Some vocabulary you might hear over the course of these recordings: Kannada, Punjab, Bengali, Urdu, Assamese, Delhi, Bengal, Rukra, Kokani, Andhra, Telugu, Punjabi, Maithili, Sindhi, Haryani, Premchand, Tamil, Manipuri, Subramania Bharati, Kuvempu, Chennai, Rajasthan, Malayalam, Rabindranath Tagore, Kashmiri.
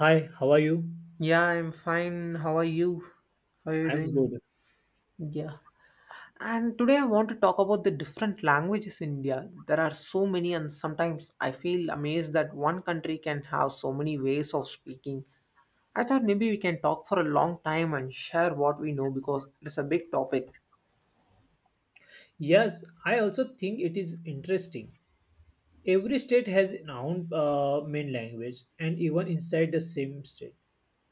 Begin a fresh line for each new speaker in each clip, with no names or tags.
Hi, how are you?
Yeah, I'm fine. How are you? How are you
I'm
doing?
good.
Yeah. And today I want to talk about the different languages in India. There are so many, and sometimes I feel amazed that one country can have so many ways of speaking. I thought maybe we can talk for a long time and share what we know because it's a big topic.
Yes, I also think it is interesting. Every state has its own main language, and even inside the same state,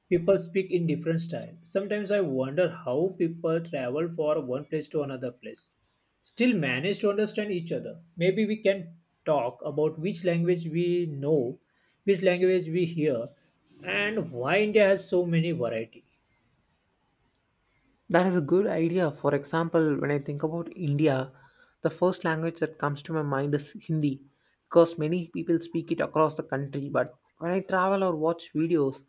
people speak in different style. Sometimes I wonder how people travel from one place to another place, still manage to understand each other. Maybe we can talk about which language we know, which language we hear, and why India has so many variety.
That is a good idea. For example, when I think about India, the first language that comes to my mind is Hindi because many people speak it across the country. But when I travel or watch videos,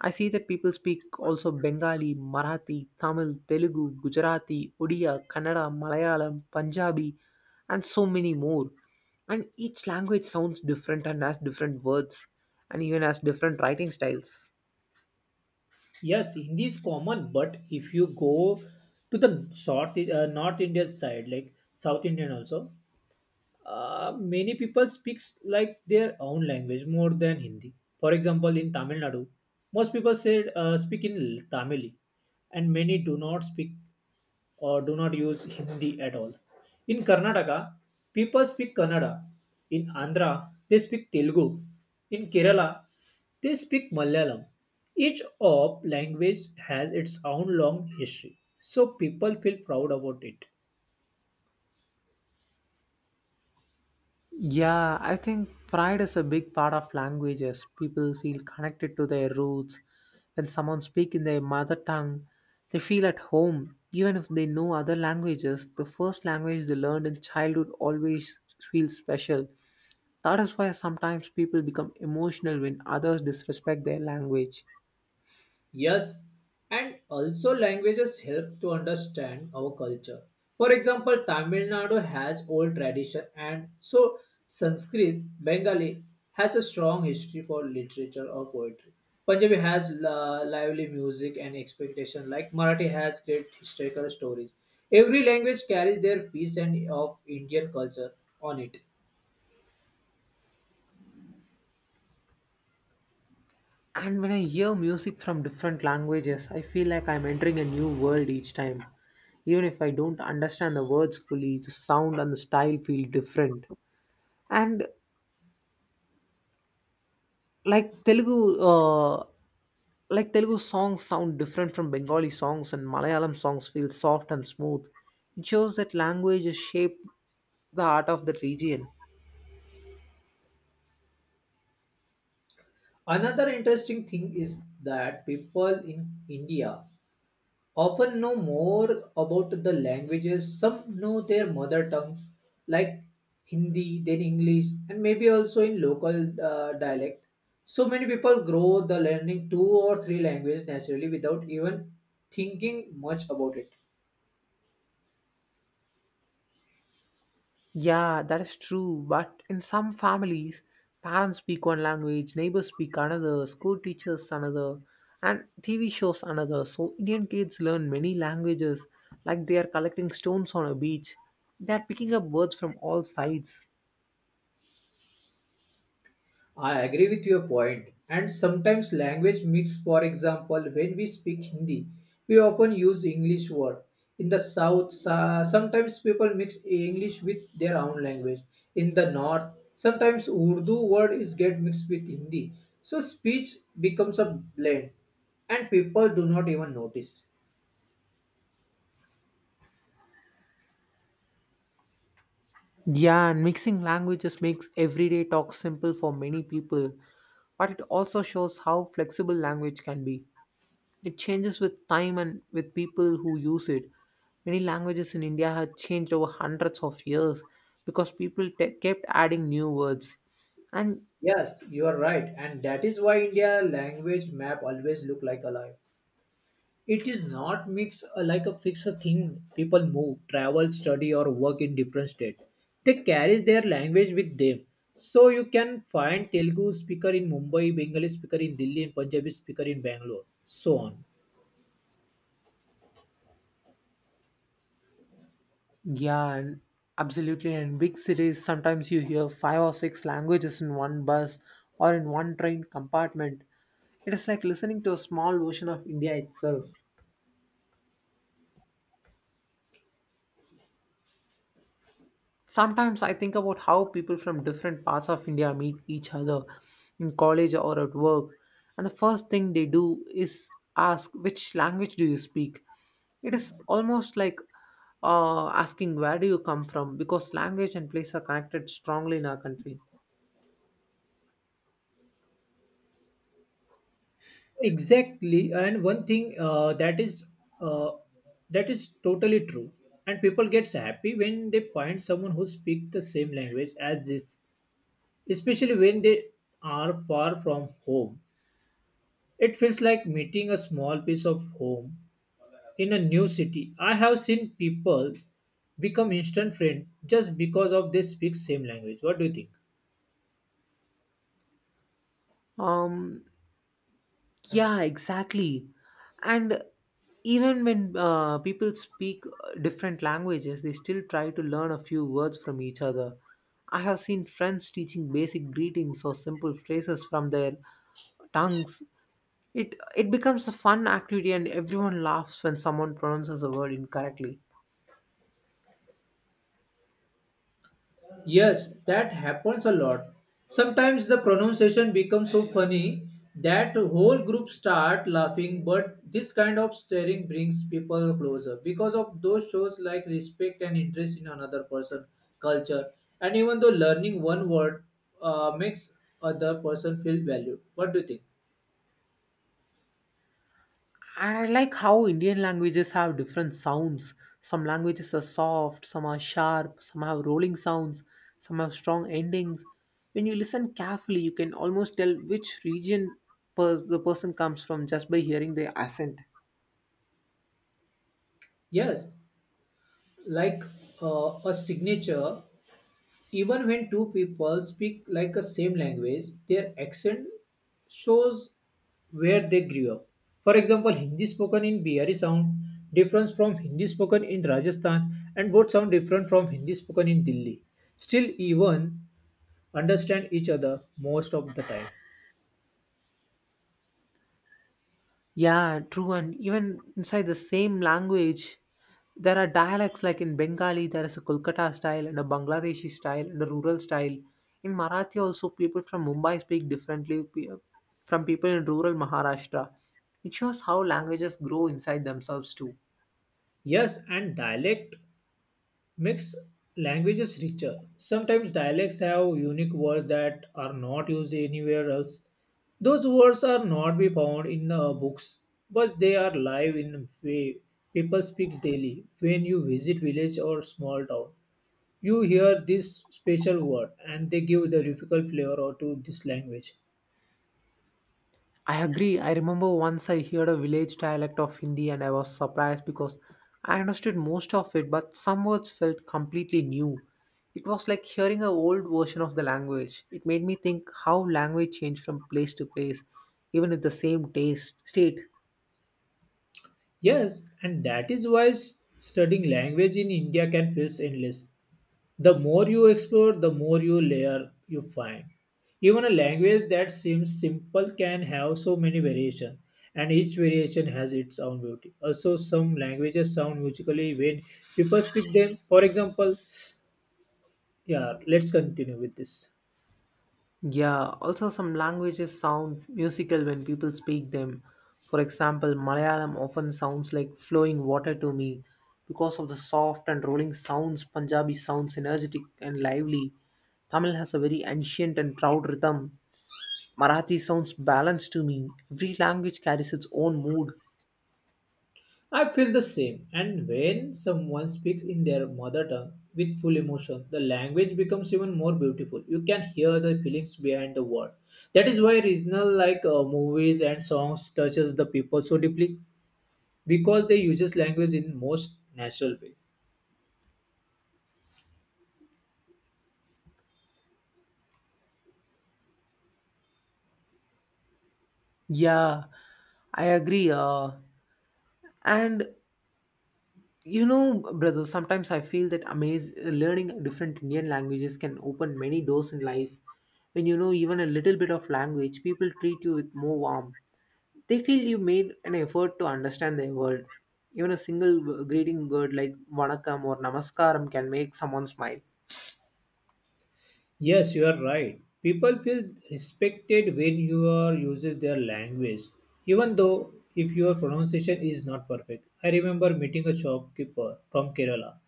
I see that people speak also Bengali, Marathi, Tamil, Telugu, Gujarati, Odia, Kannada, Malayalam, Punjabi, and so many more. And each language sounds different and has different words and even has different writing styles.
Yes, Hindi is common, but if you go to the South, North Indian side, like South Indian also, many people speaks like their own language more than Hindi. For example, in Tamil Nadu, most people said speak in Tamil, and many do not speak or do not use Hindi at all. In Karnataka, people speak Kannada. In Andhra, they speak Telugu. In Kerala, they speak Malayalam. Each of language has its own long history, so people feel proud about it.
Yeah, I think pride is a big part of languages. People feel connected to their roots. When someone speaks in their mother tongue, they feel at home. Even if they know other languages, the first language they learned in childhood always feels special. That is why sometimes people become emotional when others disrespect their language.
Yes, and also languages help to understand our culture. For example, Tamil Nadu has old tradition and so Sanskrit, Bengali has a strong history for literature or poetry. Punjabi has lively music and expectation like Marathi has great historical stories. Every language carries their piece and of Indian culture on it.
And when I hear music from different languages, I feel like I'm entering a new world each time. Even if I don't understand the words fully, the sound and the style feel different. And like Telugu, uh, like Telugu songs sound different from Bengali songs, and Malayalam songs feel soft and smooth. It shows that language has shaped the art of the region.
Another interesting thing is that people in India often know more about the languages. Some know their mother tongues like Hindi, then English, and maybe also in local dialect. So many people grow the learning two or three languages naturally without even thinking much about it.
Yeah, that is true. But in some families, parents speak one language, neighbors speak another, school teachers another, and TV shows another. So Indian kids learn many languages like they are collecting stones on a beach. They are picking up words from all sides.
I agree with your point, and sometimes language mix. For example, when we speak Hindi, we often use English word. In the south, sometimes people mix English with their own language. In the north, sometimes Urdu word is get mixed with Hindi, so speech becomes a blend, and people do not even notice.
Yeah, and mixing languages makes everyday talk simple for many people, but it also shows how flexible language can be. It changes with time and with people who use it. Many languages in India have changed over hundreds of years because kept adding new words. And
Yes, you are right, and that is why India language map always look like alive. It is not mix like a fixed thing. People move, travel, study, or work in different state, they carry their language with them, so you can find Telugu speaker in Mumbai, Bengali speaker in Delhi, and Punjabi speaker in Bangalore, so on.
yeah, and absolutely. In big cities, sometimes you hear five or six languages in one bus or in one train compartment. It is like listening to a small version of India itself. Sometimes I think about how people from different parts of India meet each other in college or at work, and the first thing they do is ask, which language do you speak? It is almost like asking, where do you come from? Because language and place are connected strongly in our country.
Exactly, and one thing uh, that is totally true, and people gets happy when they find someone who speaks the same language as this, especially when they are far from home. It feels like meeting a small piece of home in a new city. I have seen people become instant friends just because of they speak same language. What do you think?
Um, Yeah, exactly. And even when people speak different languages, they still try to learn a few words from each other. I have seen friends teaching basic greetings or simple phrases from their tongues. It becomes a fun activity and everyone laughs when someone pronounces a word incorrectly.
Yes, that happens a lot. Sometimes the pronunciation becomes so funny that whole group start laughing, but this kind of staring brings people closer because of those shows like respect and interest in another person, culture, and even though learning one word makes other person feel valued. What do you think?
And I like how Indian languages have different sounds. Some languages are soft, some are sharp, some have rolling sounds, some have strong endings. When you listen carefully, you can almost tell which region the person comes from just by hearing their accent.
Yes, like a signature. Even when two people speak like a same language, their accent shows where they grew up. For example, Hindi spoken in Bihari sound different from Hindi spoken in Rajasthan, and both sound different from Hindi spoken in Delhi. Still, even understand each other most of the time.
Yeah, true. And even inside the same language, there are dialects like in Bengali, there is a Kolkata style and a Bangladeshi style and a rural style. In Marathi, also, people from Mumbai speak differently from people in rural Maharashtra. It shows how languages grow inside themselves, too.
Yes, and dialect makes languages richer. Sometimes dialects have unique words that are not used anywhere else. Those words are not be found in books, but they are live in way people speak daily. When you visit village or small town, you hear this special word and they give the difficult flavor to this language.
I agree. I remember once I heard a village dialect of Hindi and I was surprised because I understood most of it, but some words felt completely new. It was like hearing an old version of the language. It made me think how language changed from place to place, even with the same taste state.
Yes, and that is why studying language in India can feel endless. The more you explore, the more you layer you find. Even a language that seems simple can have so many variations, and each variation has its own beauty. Also, some languages sound musically when people speak them. For example, yeah, let's continue with this.
Yeah, also some languages sound musical when people speak them. For example, Malayalam often sounds like flowing water to me because of the soft and rolling sounds. Punjabi sounds energetic and lively. Tamil has a very ancient and proud rhythm. Marathi sounds balanced to me. Every language carries its own mood.
I feel the same. And when someone speaks in their mother tongue with full emotion, the language becomes even more beautiful. You can hear the feelings behind the word. That is why regional like movies and songs touches the people so deeply because they uses language in most natural way.
Yeah, I agree. And you know, brother, sometimes I feel that amaze learning different Indian languages can open many doors in life. When you know even a little bit of language, people treat you with more warmth. They feel you made an effort to understand their world. Even a greeting word like vanakkam or namaskaram can make someone smile.
Yes, you are right. People feel respected when you are uses their language, even though if your pronunciation is not perfect. I remember meeting a shopkeeper from Kerala,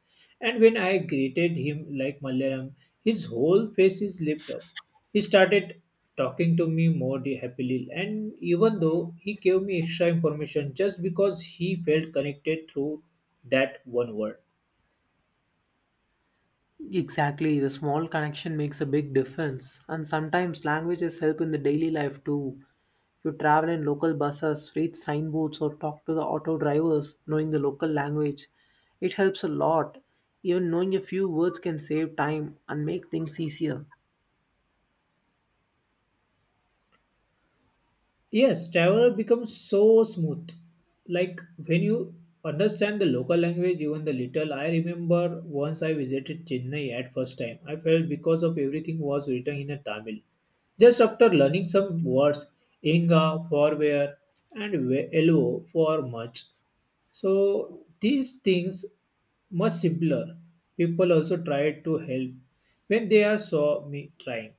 and when I greeted him like Malayalam, his whole face is lit up. He started talking to me more happily, and even though he gave me extra information just because he felt connected through that one word.
Exactly, the small connection makes a big difference. And sometimes languages help in the daily life too. If you travel in local buses, read signboards, or talk to the auto drivers, knowing the local language, it helps a lot. Even knowing a few words can save time and make things easier.
Yes, travel becomes so smooth. Like when you understand the local language, even the little. I remember once I visited Chennai at first time. I felt because of everything was written in a Tamil. Just after learning some words, inga for where and elvo for much. So these things much simpler. People also tried to help when they are saw me trying.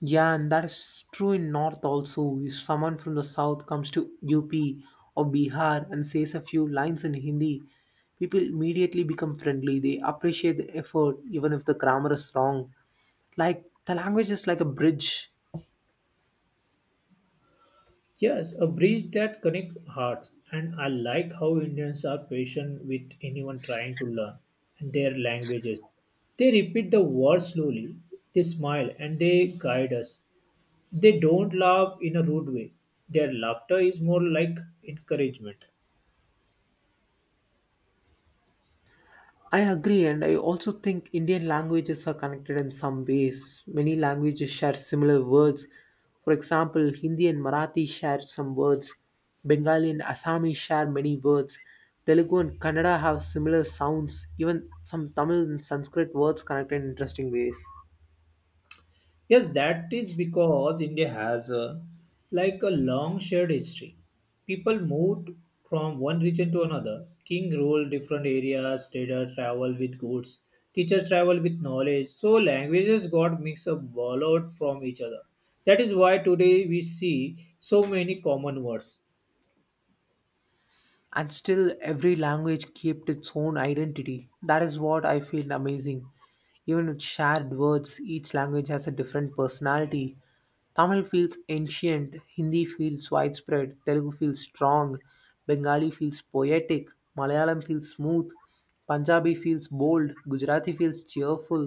Yeah, and that's true in North also. If someone from the South comes to UP or Bihar and says a few lines in Hindi, people immediately become friendly. They appreciate the effort, even if the grammar is wrong. Like, the language is like a bridge.
Yes, a bridge that connects hearts, and I like how Indians are patient with anyone trying to learn their languages. They repeat the words slowly, they smile, and they guide us. They don't laugh in a rude way. Their laughter is more like encouragement.
I agree, and I also think Indian languages are connected in some ways. Many languages share similar words. For example, Hindi and Marathi share some words, Bengali and Assamese share many words, Telugu and Kannada have similar sounds, even some Tamil and Sanskrit words connected in interesting ways.
Yes, that is because India has a, like a long shared history. People moved from one region to another. King ruled different areas, traders traveled with goods, teachers traveled with knowledge. So languages got mixed up, borrowed from each other. That is why today we see so many common words.
And still every language kept its own identity. That is what I feel amazing. Even with shared words, each language has a different personality. Tamil feels ancient, Hindi feels widespread, Telugu feels strong, Bengali feels poetic, Malayalam feels smooth, Punjabi feels bold, Gujarati feels cheerful.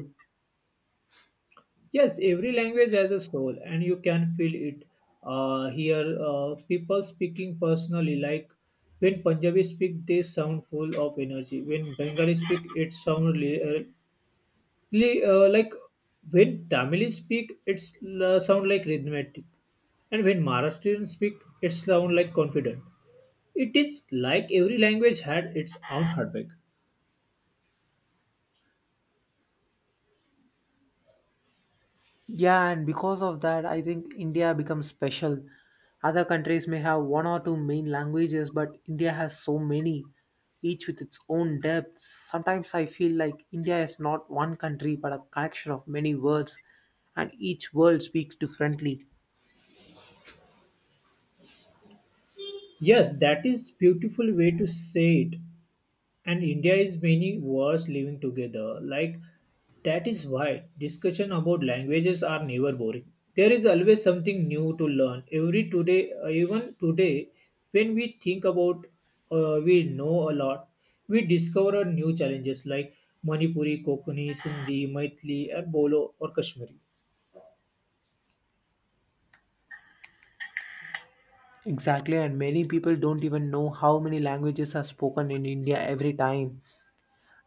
Yes, every language has a soul, and you can feel it. Here, people speaking personally, like when Punjabi speak, they sound full of energy. When Bengali speak, it sound like when Tamil speak, it's sound like rhythmic, and when Maharashtrian speak, it sound like confident. It is like every language had its own heartbeat.
Yeah, and because of that, I think India becomes special. Other countries may have one or two main languages, but India has so many, each with its own depth. Sometimes I feel like India is not one country, but a collection of many words, and each word speaks differently.
Yes, that is beautiful way to say it. And India is many words living together. Like that is why discussion about languages are never boring. There is always something new to learn. Every today, even today, when we think about, we know a lot. We discover new challenges like Manipuri, Kokani, Sindhi, Maithili, or Bolo or Kashmiri.
Exactly, and many people don't even know how many languages are spoken in India. Every time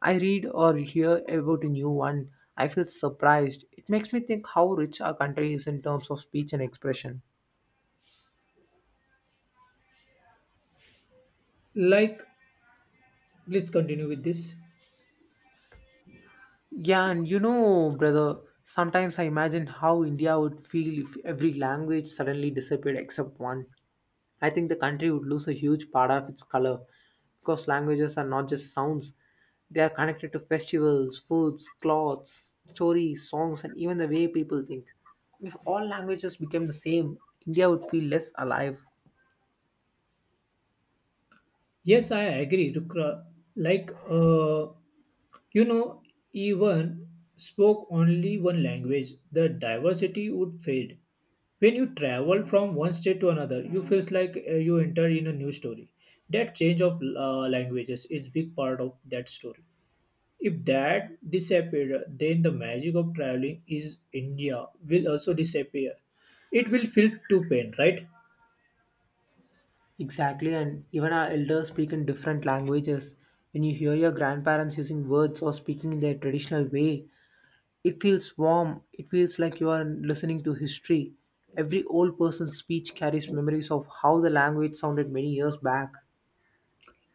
I read or hear about a new one, I feel surprised. It makes me think how rich our country is in terms of speech and expression.
Like, let's continue with this.
Yeah, and you know, brother, sometimes I imagine how India would feel if every language suddenly disappeared except one. I think the country would lose a huge part of its color because languages are not just sounds, they are connected to festivals, foods, clothes, stories, songs, and even the way people think. If all languages became the same, India would feel less alive.
Yes, I agree, Rukra. Like, you know, even spoke only one language, the diversity would fade. When you travel from one state to another, you feels like you enter in a new story. That change of languages is big part of that story. If that disappeared, then the magic of traveling is India will also disappear. It will feel too pain, right?
Exactly, and even our elders speak in different languages. When you hear your grandparents using words or speaking in their traditional way, it feels warm. It feels like you are listening to history. Every old person's speech carries memories of how the language sounded many years back.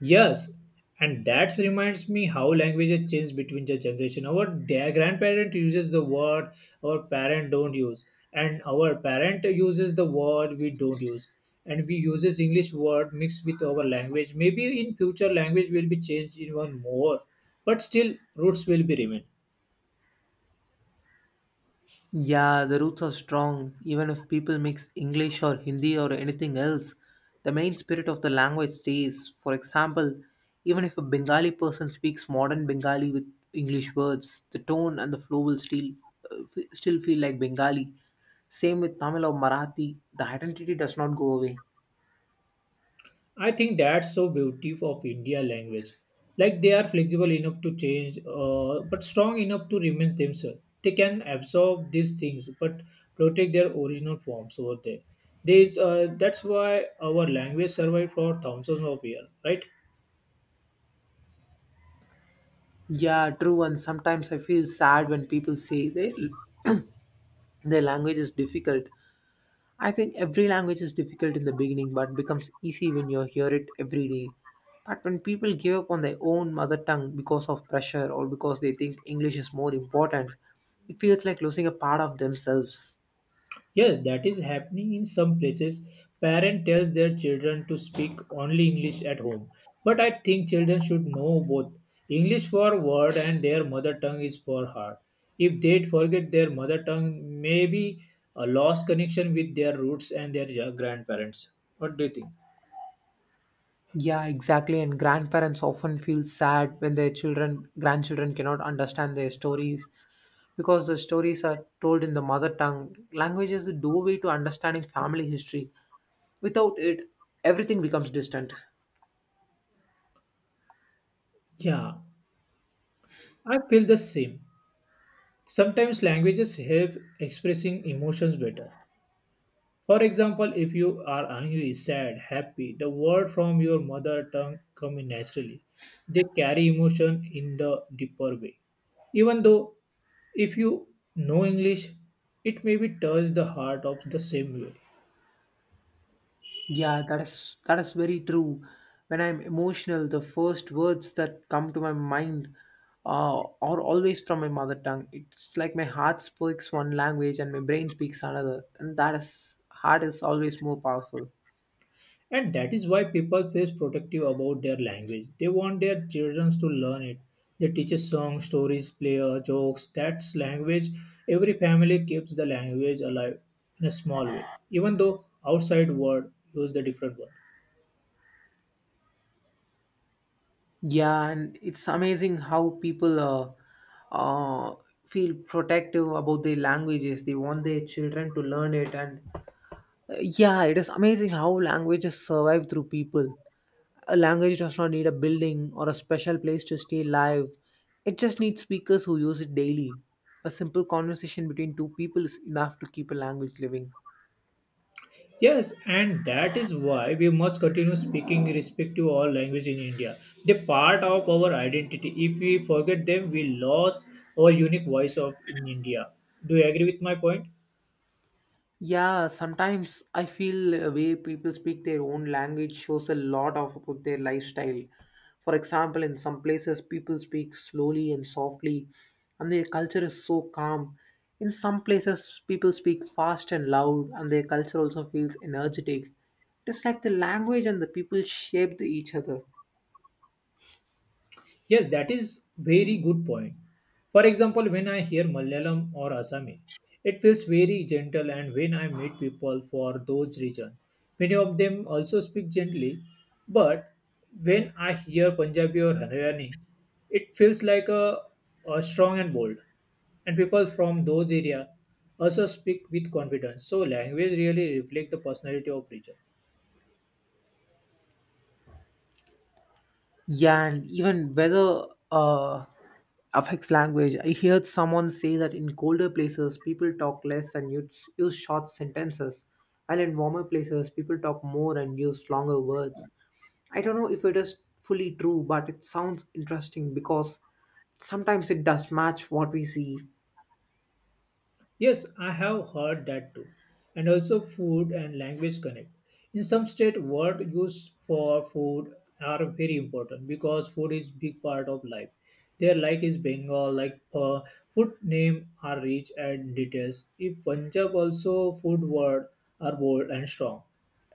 Yes, and that reminds me how languages change between the generation. Our grandparent uses the word our parent don't use, and our parent uses the word we don't use, and we uses English word mixed with our language. Maybe in future language will be changed even more, but still roots will be remain.
Yeah, the roots are strong. Even if people mix English or Hindi or anything else, the main spirit of the language stays. For example, even if a Bengali person speaks modern Bengali with English words, the tone and the flow will still feel like Bengali. Same with Tamil or Marathi, the identity does not go away.
I think that's so beauty of India language. Like they are flexible enough to change, but strong enough to remain themselves. They can absorb these things, but protect their original forms over there. There is, that's why our language survived for thousands of years, right?
Yeah, true. And sometimes I feel sad when people say their language is difficult. I think every language is difficult in the beginning, but becomes easy when you hear it every day. But when people give up on their own mother tongue because of pressure or because they think English is more important, it feels like losing a part of themselves.
Yes, that is happening in some places. Parent tells their children to speak only English at home. But I think children should know both. English for word and their mother tongue is for heart. If they forget their mother tongue, maybe a lost connection with their roots and their grandparents. What do you think?
Yeah, exactly. And grandparents often feel sad when their children, grandchildren cannot understand their stories because the stories are told in the mother tongue. Language is the doorway to understanding family history. Without it, everything becomes distant.
Yeah, I feel the same. Sometimes languages help expressing emotions better. For example, if you are angry, sad, happy, the words from your mother tongue come in naturally. They carry emotion in the deeper way. Even though if you know English, it may be touch the heart of the same way.
Yeah, that is very true. When I'm emotional, the first words that come to my mind uh, are always from my mother tongue. It's like my heart speaks one language and my brain speaks another, and that is heart is always more powerful.
And that is why people feel protective about their language. They want their children to learn it. They teach us songs, stories, player, jokes. That's language. Every family keeps the language alive in a small way, even though outside world use the different word.
Yeah, and it's amazing how people uh, feel protective about their languages. They want their children to learn it, and yeah, it is amazing how languages survive through people. A language does not need a building or a special place to stay live. It just needs speakers who use it daily. A simple conversation between two people is enough to keep a language living.
Yes, and that is why we must continue speaking respective all language in India. They part of our identity. If we forget them, we lose our unique voice of in India. Do you agree with my point?
Yeah, sometimes I feel a way people speak their own language shows a lot of about their lifestyle. For example, in some places people speak slowly and softly, and their culture is so calm. In some places people speak fast and loud, and their culture also feels energetic. It's like the language and the people shape each other.
Yes, that is very good point. For example, when I hear Malayalam or Assamese, it feels very gentle and when I meet people for those regions, many of them also speak gently. But when I hear Punjabi or Haryani, it feels like a strong and bold. And people from those areas also speak with confidence. So language really reflects the personality of region.
Yeah, and even weather uh, affects language. I heard someone say that in colder places, people talk less and use, use short sentences, while in warmer places, people talk more and use longer words. I don't know if it is fully true, but it sounds interesting because sometimes it does match what we see.
Yes, I have heard that too. And also food and language connect. In some state, word used for food are very important because food is big part of life. Their like is Bengal, like food name are rich and details. If Punjab also food word are bold and strong.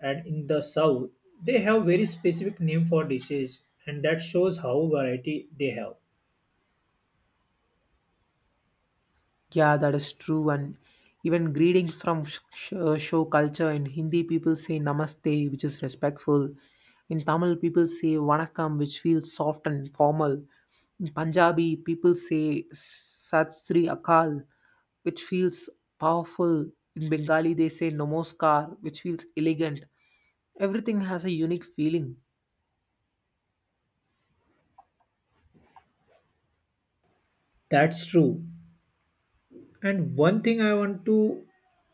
And in the south, they have very specific name for dishes and that shows how variety they have.
Yeah, that is true. And even greetings from show culture in Hindi, people say namaste, which is respectful. In Tamil, people say vanakkam, which feels soft and formal. In Punjabi, people say Sat Sri Akal, which feels powerful. In Bengali, they say Namaskar, which feels elegant. Everything has a unique feeling.
That's true. And one thing I want to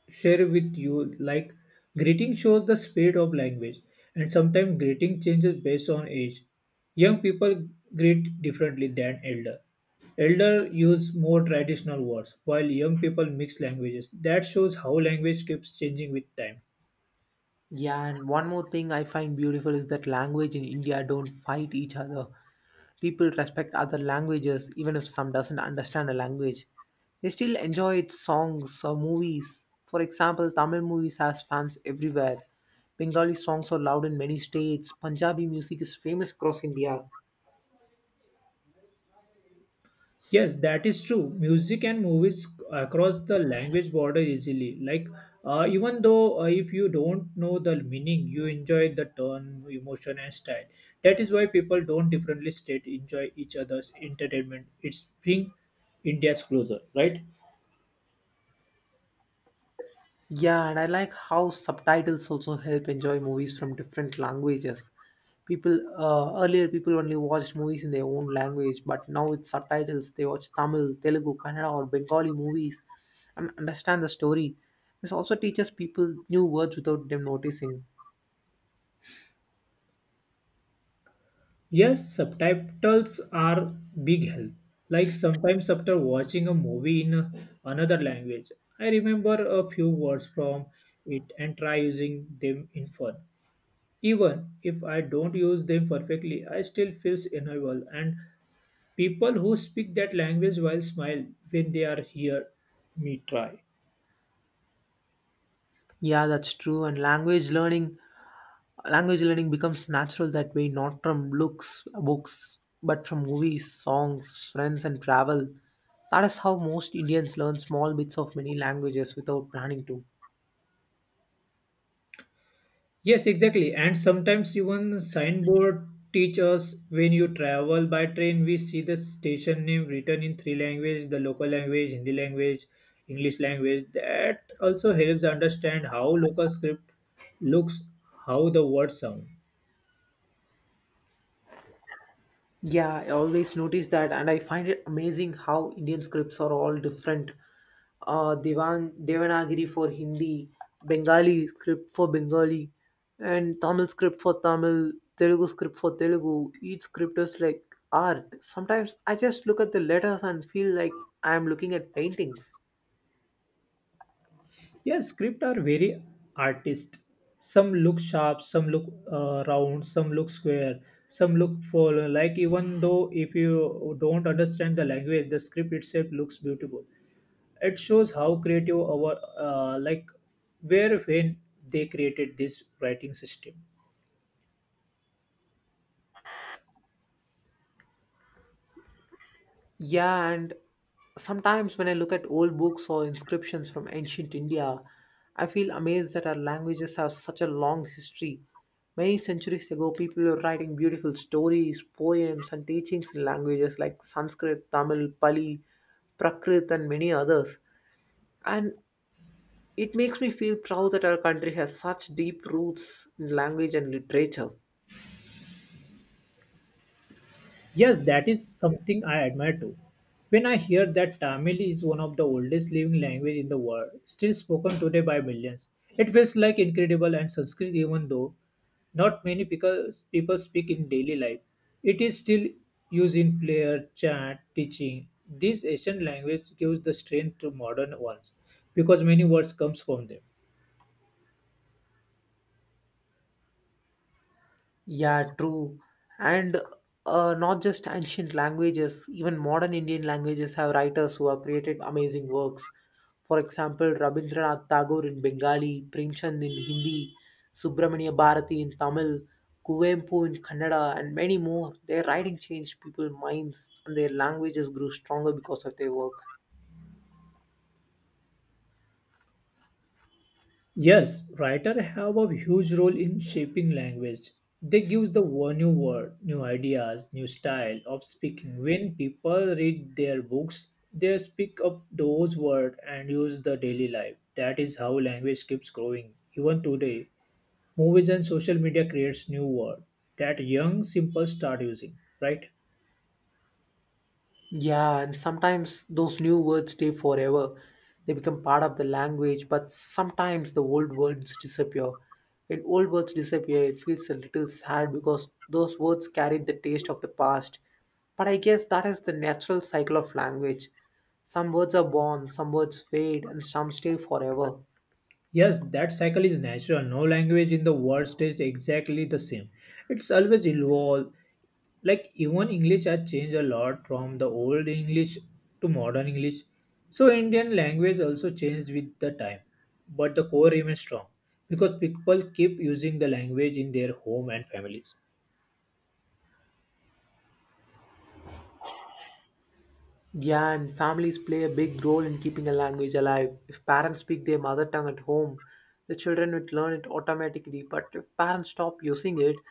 share with you like, greeting shows the spirit of language, and sometimes greeting changes based on age. Young people greet differently than elder. Elder use more traditional words, while young people mix languages. That shows how language keeps changing with time.
Yeah, and one more thing I find beautiful is that language in India don't fight each other. People respect other languages even if some doesn't understand a language. They still enjoy its songs or movies. For example, Tamil movies has fans everywhere. Bengali songs are loud in many states. Punjabi music is famous across India.
Yes, that is true. Music and movies across the language border easily. Like, even though if you don't know the meaning, you enjoy the tone, emotion, and style. That is why people don't differently state enjoy each other's entertainment. It's bring India's closer, right?
Yeah, and I like how subtitles also help enjoy movies from different languages. People earlier people only watched movies in their own language, but now with subtitles they watch Tamil, Telugu, Kannada, or Bengali movies and understand the story. This also teaches people new words without them noticing.
Yes, subtitles are big help. Like sometimes after watching a movie in another language, I remember a few words from it and try using them in fun. Even if I don't use them perfectly, I still feel enjoyable. And people who speak that language will smile when they are here me try.
Yeah, that's true. And Language learning becomes natural that way, not from looks, books, but from movies, songs, friends, and travel. That is how most Indians learn small bits of many languages without planning to.
Yes, exactly. And sometimes even signboard teach us when you travel by train, we see the station name written in three languages, the local language, Hindi language, English language. That also helps understand how local script looks, how the words sound.
Yeah, I always notice that, and I find it amazing how Indian scripts are all different. Devanagari for Hindi, Bengali script for Bengali, and Tamil script for Tamil, Telugu script for Telugu. Each script is like art. Sometimes I just look at the letters and feel like I am looking at paintings.
Yeah, script are very artist. Some look sharp, some look round, some look square, some look full. Like even though if you don't understand the language, the script itself looks beautiful. It shows how creative our where when they created this writing system.
Yeah, and sometimes when I look at old books or inscriptions from ancient India, I feel amazed that our languages have such a long history. Many centuries ago, people were writing beautiful stories, poems, and teachings in languages like Sanskrit, Tamil, Pali, Prakrit, and many others. And it makes me feel proud that our country has such deep roots in language and literature.
Yes, that is something I admire too. When I hear that Tamil is one of the oldest living language in the world, still spoken today by millions, it feels like incredible and Sanskrit even though not many people speak in daily life. It is still used in prayer, chant, teaching. This ancient language gives the strength to modern ones because many words comes from them.
Yeah, true. And not just ancient languages, even modern Indian languages have writers who have created amazing works. For example, Rabindranath Tagore in Bengali, Premchand in Hindi, Subramania Bharati in Tamil, Kuvempu in Kannada, and many more. Their writing changed people's minds, and their languages grew stronger because of their work.
Yes, writers have a huge role in shaping language. They give the new word, new ideas, new style of speaking. When people read their books, they speak up those words and use the daily life. That is how language keeps growing. Even today, movies and social media creates new word that young simple start using, right?
Yeah, and sometimes those new words stay forever. They become part of the language, but sometimes the old words disappear. When old words disappear, it feels a little sad because those words carried the taste of the past. But I guess that is the natural cycle of language. Some words are born, some words fade, and some stay forever.
Yes, that cycle is natural. No language in the world stays exactly the same. It's always evolve. Like even English has changed a lot from the old English to modern English. So Indian language also changed with the time. But the core remains strong because people keep using the language in their home and families.
Yeah, and families play a big role in keeping a language alive. If parents speak their mother tongue at home, the children would learn it automatically. But if parents stop using it,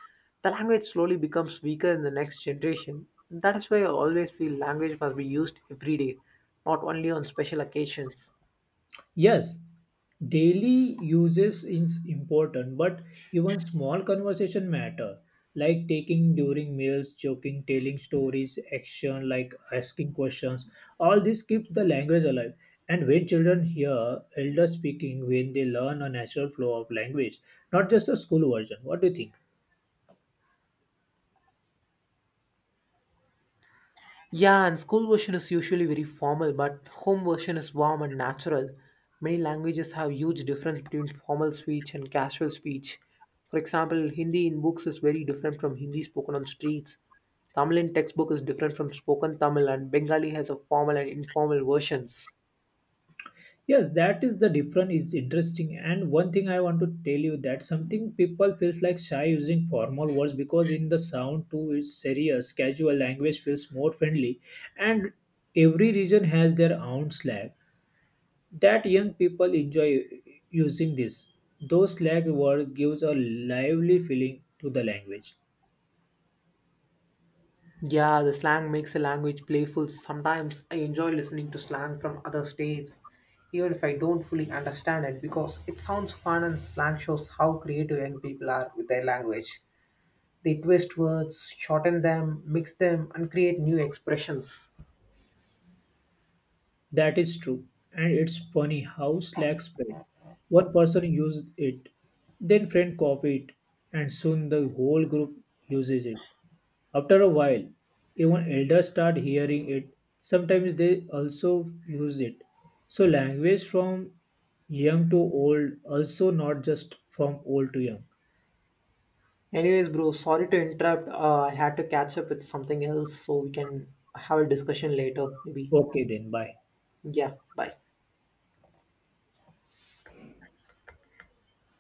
the language slowly becomes weaker in the next generation. That is why I always feel language must be used every day, not only on special occasions.
Yes, daily uses is important, but even small conversation matter, like taking during meals, joking, telling stories, action, like asking questions. All this keeps the language alive. And when children hear elders speaking, when they learn a natural flow of language, not just a school version. What do you think?
Yeah, and school version is usually very formal, but home version is warm and natural. Many languages have huge difference between formal speech and casual speech. For example, Hindi in books is very different from Hindi spoken on streets. Tamil in textbook is different from spoken Tamil, and Bengali has a formal and informal versions.
Yes, that is the difference is interesting. And one thing I want to tell you that something people feels like shy using formal words because in the sound too is serious, casual language feels more friendly. And every region has their own slang that young people enjoy using this. Those slang word gives a lively feeling to the language.
Yeah, the slang makes a language playful. Sometimes I enjoy listening to slang from other states, even if I don't fully understand it, because it sounds fun and slang shows how creative young people are with their language. They twist words, shorten them, mix them, and create new expressions.
That is true. And it's funny how Slack spread. One person used it, then friend copied, and soon the whole group uses it. After a while, even elders start hearing it. Sometimes they also use it. So language from young to old, also not just from old to young.
Anyways, bro, sorry to interrupt. I had to catch up with something else, so we can have a discussion later, maybe.
Okay then, bye.
Yeah, bye.